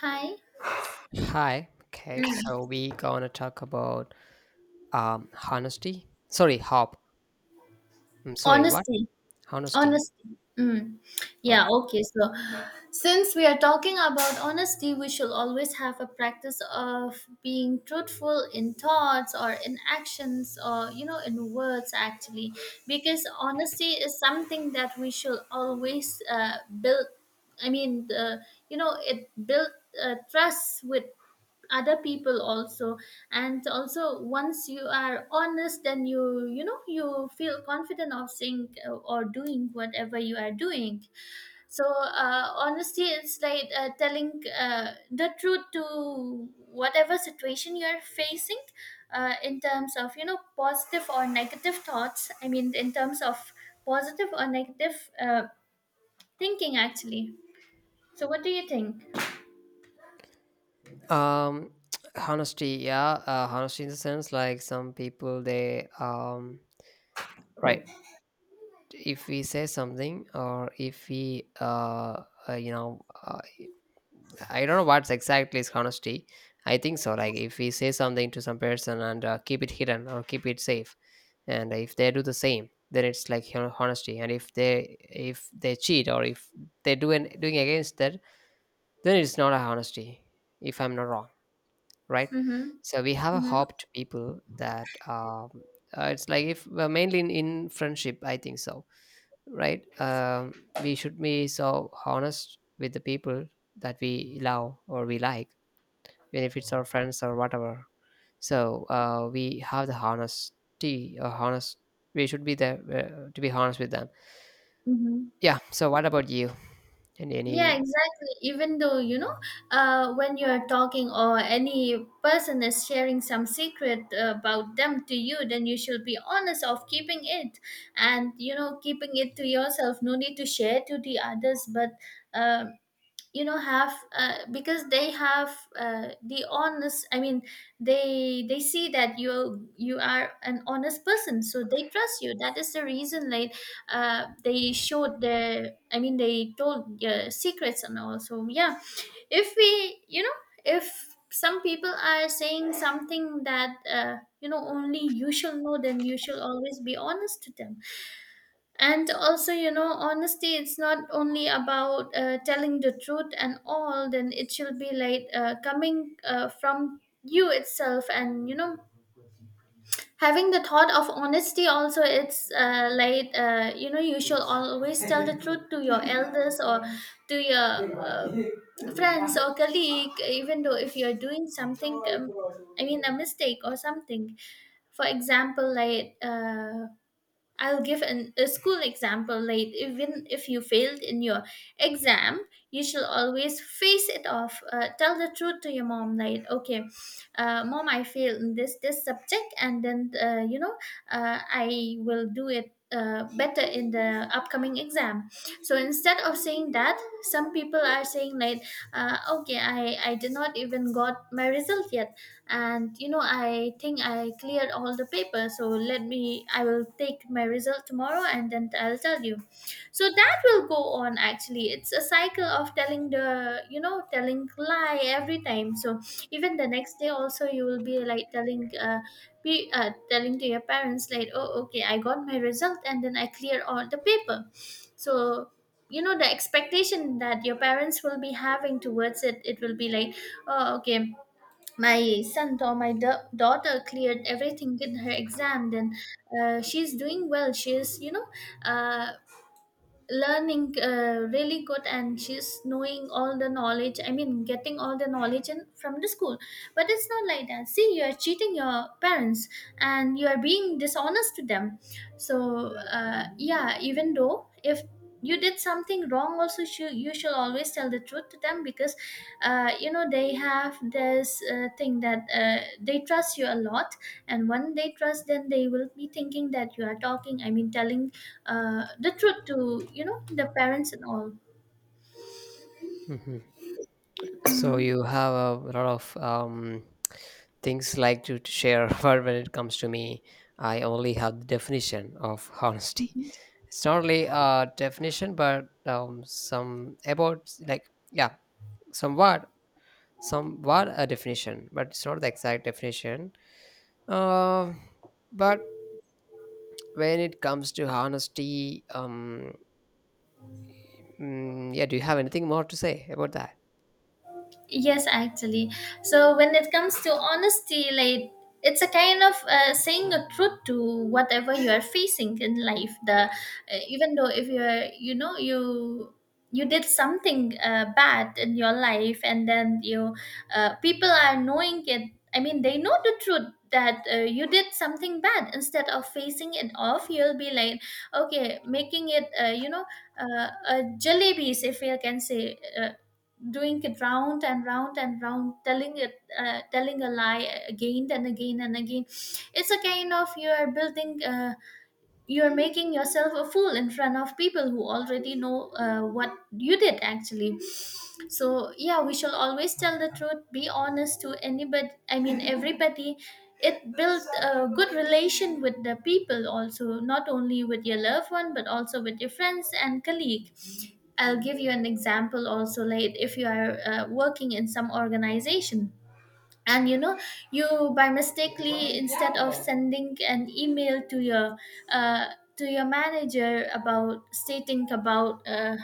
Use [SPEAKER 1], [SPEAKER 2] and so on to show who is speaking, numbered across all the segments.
[SPEAKER 1] Hi.
[SPEAKER 2] Hi. Okay.
[SPEAKER 1] Mm.
[SPEAKER 2] So we gonna talk about honesty. Sorry, hop. I'm sorry. What?
[SPEAKER 1] Honesty.
[SPEAKER 2] Honesty.
[SPEAKER 1] Honesty. Mm. Yeah,
[SPEAKER 2] Right.
[SPEAKER 1] okay. So, since we are talking about honesty, we should always have a practice of being truthful in thoughts or in actions or, in words actually. Because honesty is something that we should always build. I mean, the, it built trust with other people also, and also once you are honest then you know you feel confident of saying or doing whatever you are doing. So honesty is like telling the truth to whatever situation you are facing, in terms of positive or negative thoughts. I mean, in terms of positive or negative thinking actually. So what do you think?
[SPEAKER 2] Um, honesty. Yeah. Honesty in the sense like some people they right. If we say something or if we uh you know uh, I don't know what's exactly is honesty. I think so. Like if we say something to some person and keep it hidden or keep it safe, and if they do the same then it's like you honesty, and if they cheat or if they doing against that, then it's not a honesty if I'm not wrong, right?
[SPEAKER 1] Mm-hmm.
[SPEAKER 2] So we have a
[SPEAKER 1] Mm-hmm.
[SPEAKER 2] hope to people that it's like if well, mainly in friendship I think so, right. We should be so honest with the people that we love or we like, benefits or friends or whatever. So we have the honesty or honest, we should be there to be honest with them.
[SPEAKER 1] Mm-hmm.
[SPEAKER 2] Yeah, so what about you and
[SPEAKER 1] Yeah,
[SPEAKER 2] any
[SPEAKER 1] exactly. Even though, when you're talking or any person is sharing some secret about them to you, then you should be honest of keeping it and, keeping it to yourself. No need to share to the others. But uh, have because they have the honest. I mean, they see that you are an honest person, so they trust you. That is the reason, like they showed their, I mean they told secrets and all. So yeah, if we you know if some people are saying something that only you shall know, then you shall always be honest to them. And also, honesty, it's not only about telling the truth and all, then it should be like coming from you itself. And having the thought of honesty also, it's you should always tell the truth to your elders or to your friends or colleague, even though if you're doing something, a mistake or something. For example, like I'll give a school example. Like, even if you failed in your exam, you shall always face it off. Tell the truth to your mom. Like, okay, mom, I failed in this subject, and then I will do it better in the upcoming exam. So instead of saying that, some people are saying like, okay, I did not even got my result yet, and I think I cleared all the papers, so let me, I will take my result tomorrow and then I'll tell you. So that will go on, actually. It's a cycle of telling the, telling lie every time. So even the next day also you will be like telling, be telling to your parents like, oh okay, I got my result and then I clear all the paper. So, you know, the expectation that your parents will be having towards it, it will be like, oh okay, my son or my daughter cleared everything in her exam. Then she's doing well, she's uh, learning really good, and she's knowing all the knowledge, I mean getting all the knowledge from the school. But it's not like that. See, you are cheating your parents, and you are being dishonest to them. So yeah, even though if you did something wrong also, you should always tell the truth to them because they have this thing that they trust you a lot. And when they trust, then they will be thinking that you are talking, I mean telling the truth to, the parents and all.
[SPEAKER 2] Mhm. So you
[SPEAKER 1] Mhm.
[SPEAKER 2] have a lot of things like to share but when it comes to me I only have the definition of honesty.
[SPEAKER 1] Mhm.
[SPEAKER 2] It's not only a definition but some about like yeah, somewhat, somewhat a definition but it's not the exact definition. Uh, but when it comes to honesty, yeah, do you have anything more to say about that?
[SPEAKER 1] Yes, actually. So when it comes to honesty, like, it's a kind of saying a truth to whatever you are facing in life. The, even though if you are, you did something bad in your life, and then you, people are knowing it. I mean, they know the truth that you did something bad. Instead of facing it off, you'll be like, okay, making it, jalebis, if you can say, doing it round and round and round, telling it, telling a lie again and again and again. It's a kind of, you are building, you are making yourself a fool in front of people who already know what you did actually. So yeah, we shall always tell the truth, be honest to anybody, I mean everybody. It builds a good relation with the people also, not only with your loved one but also with your friends and colleague. I'll give you an example also. Like, if you are working in some organization, and you by mistakenly, instead of sending an email uh, to your manager about stating about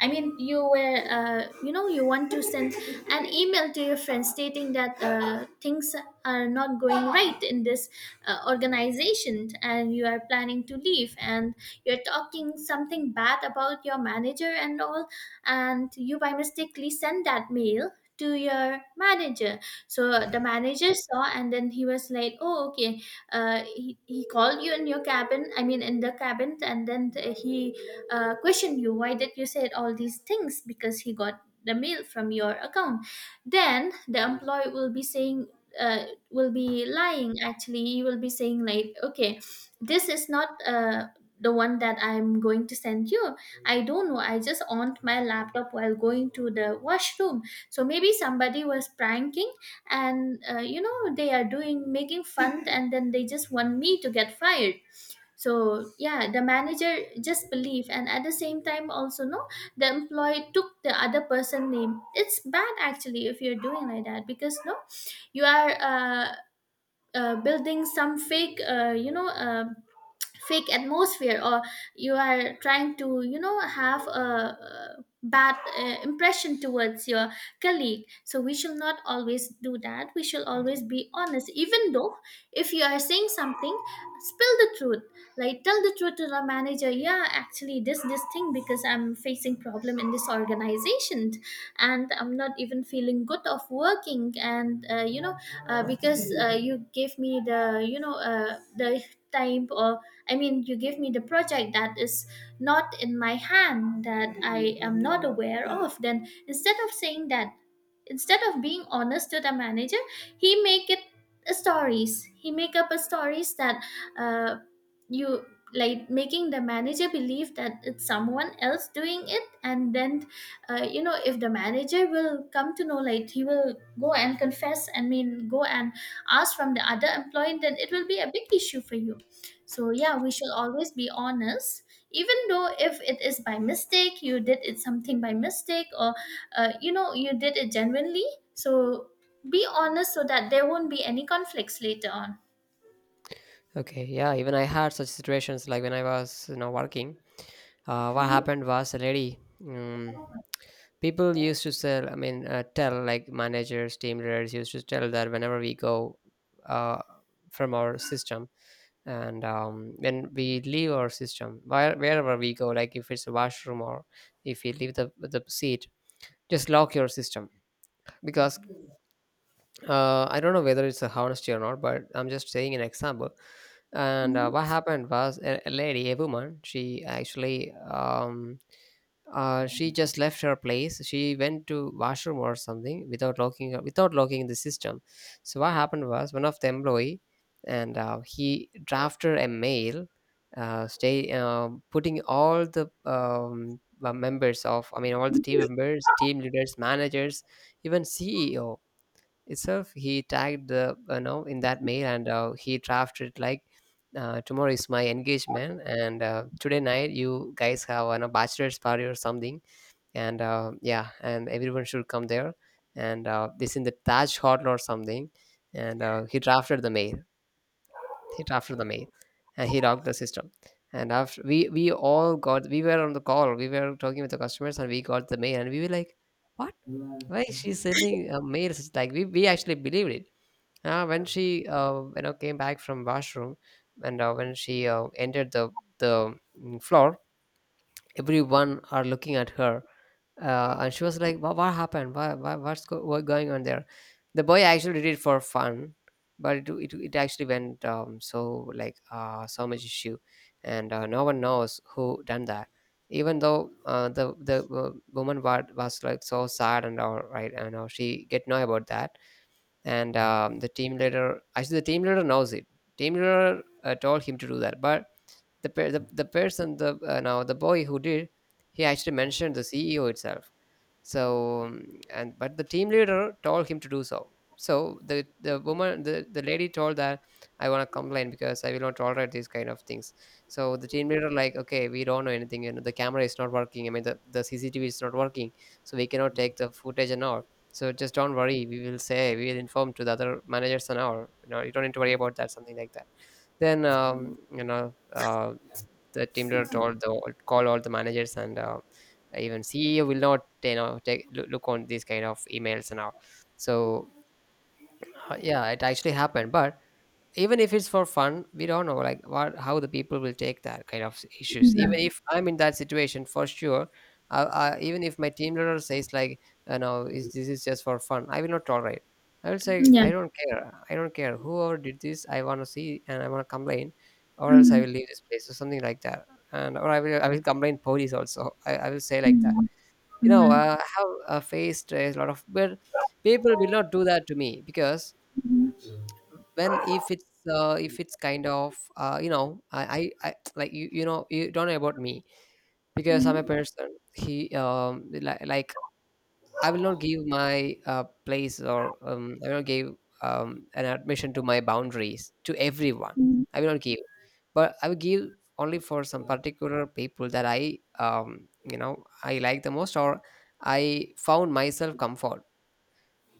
[SPEAKER 1] I mean, you were, you want to send an email to your friends stating that things are not going right in this organization, and you are planning to leave, and you're talking something bad about your manager and all, and you by mistakenly sent that mail to your manager. So the manager saw and then he was like, oh okay, he called you in your cabin, I mean in the cabin, and then he questioned you why did you said all these things, because he got the mail from your account. Then the employee will be saying, will be lying actually. He will be saying like, okay, this is not the one that I'm going to send you. I don't know. I just on my laptop while going to the washroom. So maybe somebody was pranking, and they are doing, making fun, and then they just want me to get fired. So yeah, the manager just believe, and at the same time also no, the employee took the other person name. It's bad actually if you're doing like that, because no, you are building some fake, fake atmosphere, or you are trying to, have a bad impression towards your colleague. So we should not always do that, we should always be honest, even though if you are saying something, spill the truth. Like, tell the truth to the manager. Yeah, actually this thing, because I'm facing problem in this organization, and I'm not even feeling good of working, and because you gave me the, the time, or I mean, you give me the project that is not in my hand, that I am not aware of. Then instead of saying that, instead of being honest to the manager, he make it a stories. He make up a stories that uh, you, like making the manager believe that it's someone else doing it, and then if the manager will come to know, like he will go and confess, and mean go and ask from the other employee, then it will be a big issue for you. So yeah, we should always be honest, even though if it is by mistake, you did it something by mistake, or you did it genuinely. So be honest so that there won't be any conflicts later on.
[SPEAKER 2] Okay, yeah, even I had such situations like when I was, you know, working. What
[SPEAKER 1] Mhm.
[SPEAKER 2] happened was a lady. People used to sell. I mean, tell like managers, team leaders used to tell that whenever we go, uh, from our system, and when we leave our system, wherever we go, like if it's a washroom or if you leave the seat, just lock your system, because I don't know whether it's a honesty or not, but I'm just saying an example. And what
[SPEAKER 1] Mhm.
[SPEAKER 2] happened was a lady, a woman, she actually she just left her place. She went to washroom or something without locking the system. So what happened was one of the employee, and he drafted a mail, stay putting all the members of, I mean, all the team members, team leaders, managers, even CEO itself, he tagged the you know in that mail, and he drafted it like tomorrow is my engagement, and today night you guys have a bachelor's party or something, and yeah, and everyone should come there, and this in the taj hotel or something. And he drafted the mail, he drafted the mail, and he locked the system. And after we all got, we were on the call, we were talking with the customers, and we got the mail, and we were like, what, why is she sending a mail? It's like we actually believed it. When she you know came back from washroom, and when she entered the floor, everyone are looking at her, and she was like, what happened? Why? Why? What going on there?" The boy actually did it for fun, but it actually went so like so much issue, and no one knows who done that. Even though the woman was like so sad and all right, and she get know about that, and the team leader knows it. Team leader told him to do that, but the person the now the boy who did, he actually mentioned the ceo itself. So and but the team leader told him to do so. So the lady told that I want to complain because I will not tolerate these kind of things. So the team leader like okay, we don't know anything, you know the camera is not working, I mean the CCTV is not working, so we cannot take the footage and all. So just don't worry, we will say, we will inform to the other managers and all, you know you don't need to worry about that, something like that. Then the team leader told the call all the managers and even ceo will not you know take look on these kind of emails now. So yeah, it actually happened. But even if it's for fun, we don't know like what, how the people will take that kind of issues. Even if I'm in that situation for sure, even if my team leader says like you know is this is just for fun I will not tolerate. I will say
[SPEAKER 1] Yeah.
[SPEAKER 2] I don't care, I don't care whoever did this, I want to see and I want to complain, or else I will
[SPEAKER 1] Mhm.
[SPEAKER 2] leave this place or something like that. And or i will complain police also. I will say like that,
[SPEAKER 1] Mhm.
[SPEAKER 2] you know,
[SPEAKER 1] Mhm.
[SPEAKER 2] I have faced a lot of, but people will not do that to me, because when if it's kind of you know I like you know you don't know about me, because I'm a
[SPEAKER 1] Mhm.
[SPEAKER 2] person he like I will not give my place, or I will not give an admission to my boundaries to everyone.
[SPEAKER 1] Mhm.
[SPEAKER 2] I will not give, but I will give only for some particular people that I you know I like the most, or I found myself comfort.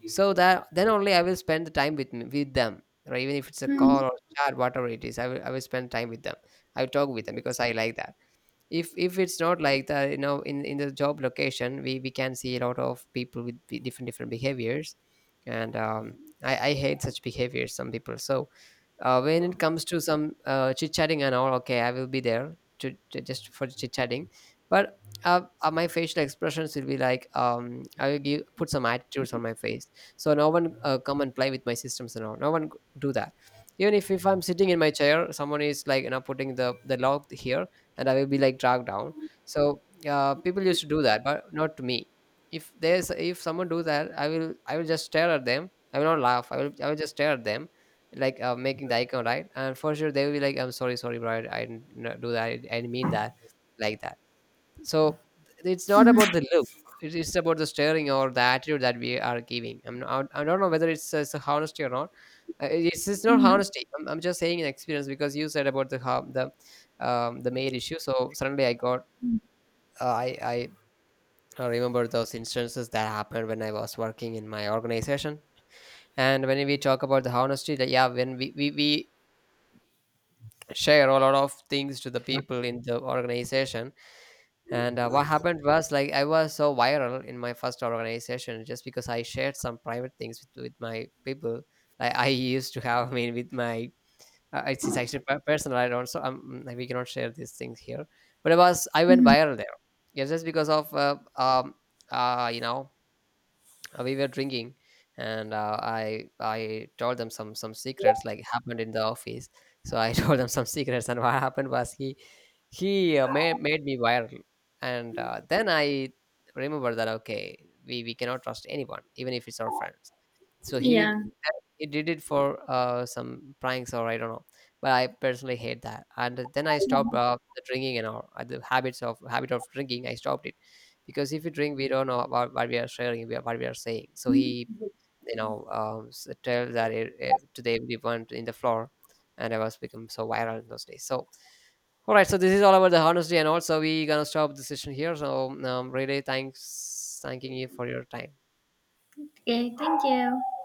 [SPEAKER 2] So that then only I will spend the time with me, with them. Or even if it's a
[SPEAKER 1] Mhm.
[SPEAKER 2] call or chat, whatever it is, I will spend time with them. I will talk with them because I like that. If it's not like that, you know in the job location we can see a lot of people with different behaviors. And i hate such behaviors, some people. So when it comes to some chit chatting and all, okay I will be there to just for chit chatting. But my facial expressions will be like I will give, put some attitudes on my face, so no one come and play with my systems and all, no one do that. Even if I'm sitting in my chair, someone is like you know putting the log here, and I will be like dragged down. So people used to do that, but not to me. If there's if someone do that, i will just stare at them, I will not laugh, i will just stare at them, like making the icon right. And for sure they will be like I'm sorry, sorry bro, I didn't do that, I didn't mean that, like that. So it's not
[SPEAKER 1] Mhm.
[SPEAKER 2] about the look, it's about the staring or the attitude that we are giving. I'm not, I don't know whether it's a honesty or not. It's not
[SPEAKER 1] Mhm.
[SPEAKER 2] honesty, I'm just saying an experience, because you said about the how the mail issue. So suddenly I got
[SPEAKER 1] Mhm.
[SPEAKER 2] uh, I I I remember those instances that happened when I was working in my organization. And when we talk about the honesty, that yeah, when we share a lot of things to the people in the organization. And what happened was like I was so viral in my first organization, just because I shared some private things with my people. I used to have I mean with my it's actually personal, I don't, so we cannot share these things here, but it was, I went
[SPEAKER 1] Mhm.
[SPEAKER 2] viral there. Yeah, just because of uh you know we were drinking, and i told them some secrets like happened in the office. So I told them some secrets, and what happened was made me viral. And then I remember that okay, we cannot trust anyone even if it's our friends. So he
[SPEAKER 1] Yeah.
[SPEAKER 2] he did it for some pranks or I don't know, but I personally hate that. And then I stopped the drinking and all, the habits of habit of drinking, I stopped it. Because if you drink, we don't know about what we are sharing, what we are saying. So he, you know tell that to the everyone in the floor, and I was become so viral in those days. So all right, so this is all about the honesty, and also we gonna stop the session here. So really thanks thanking you for your time.
[SPEAKER 1] Okay. Thank you.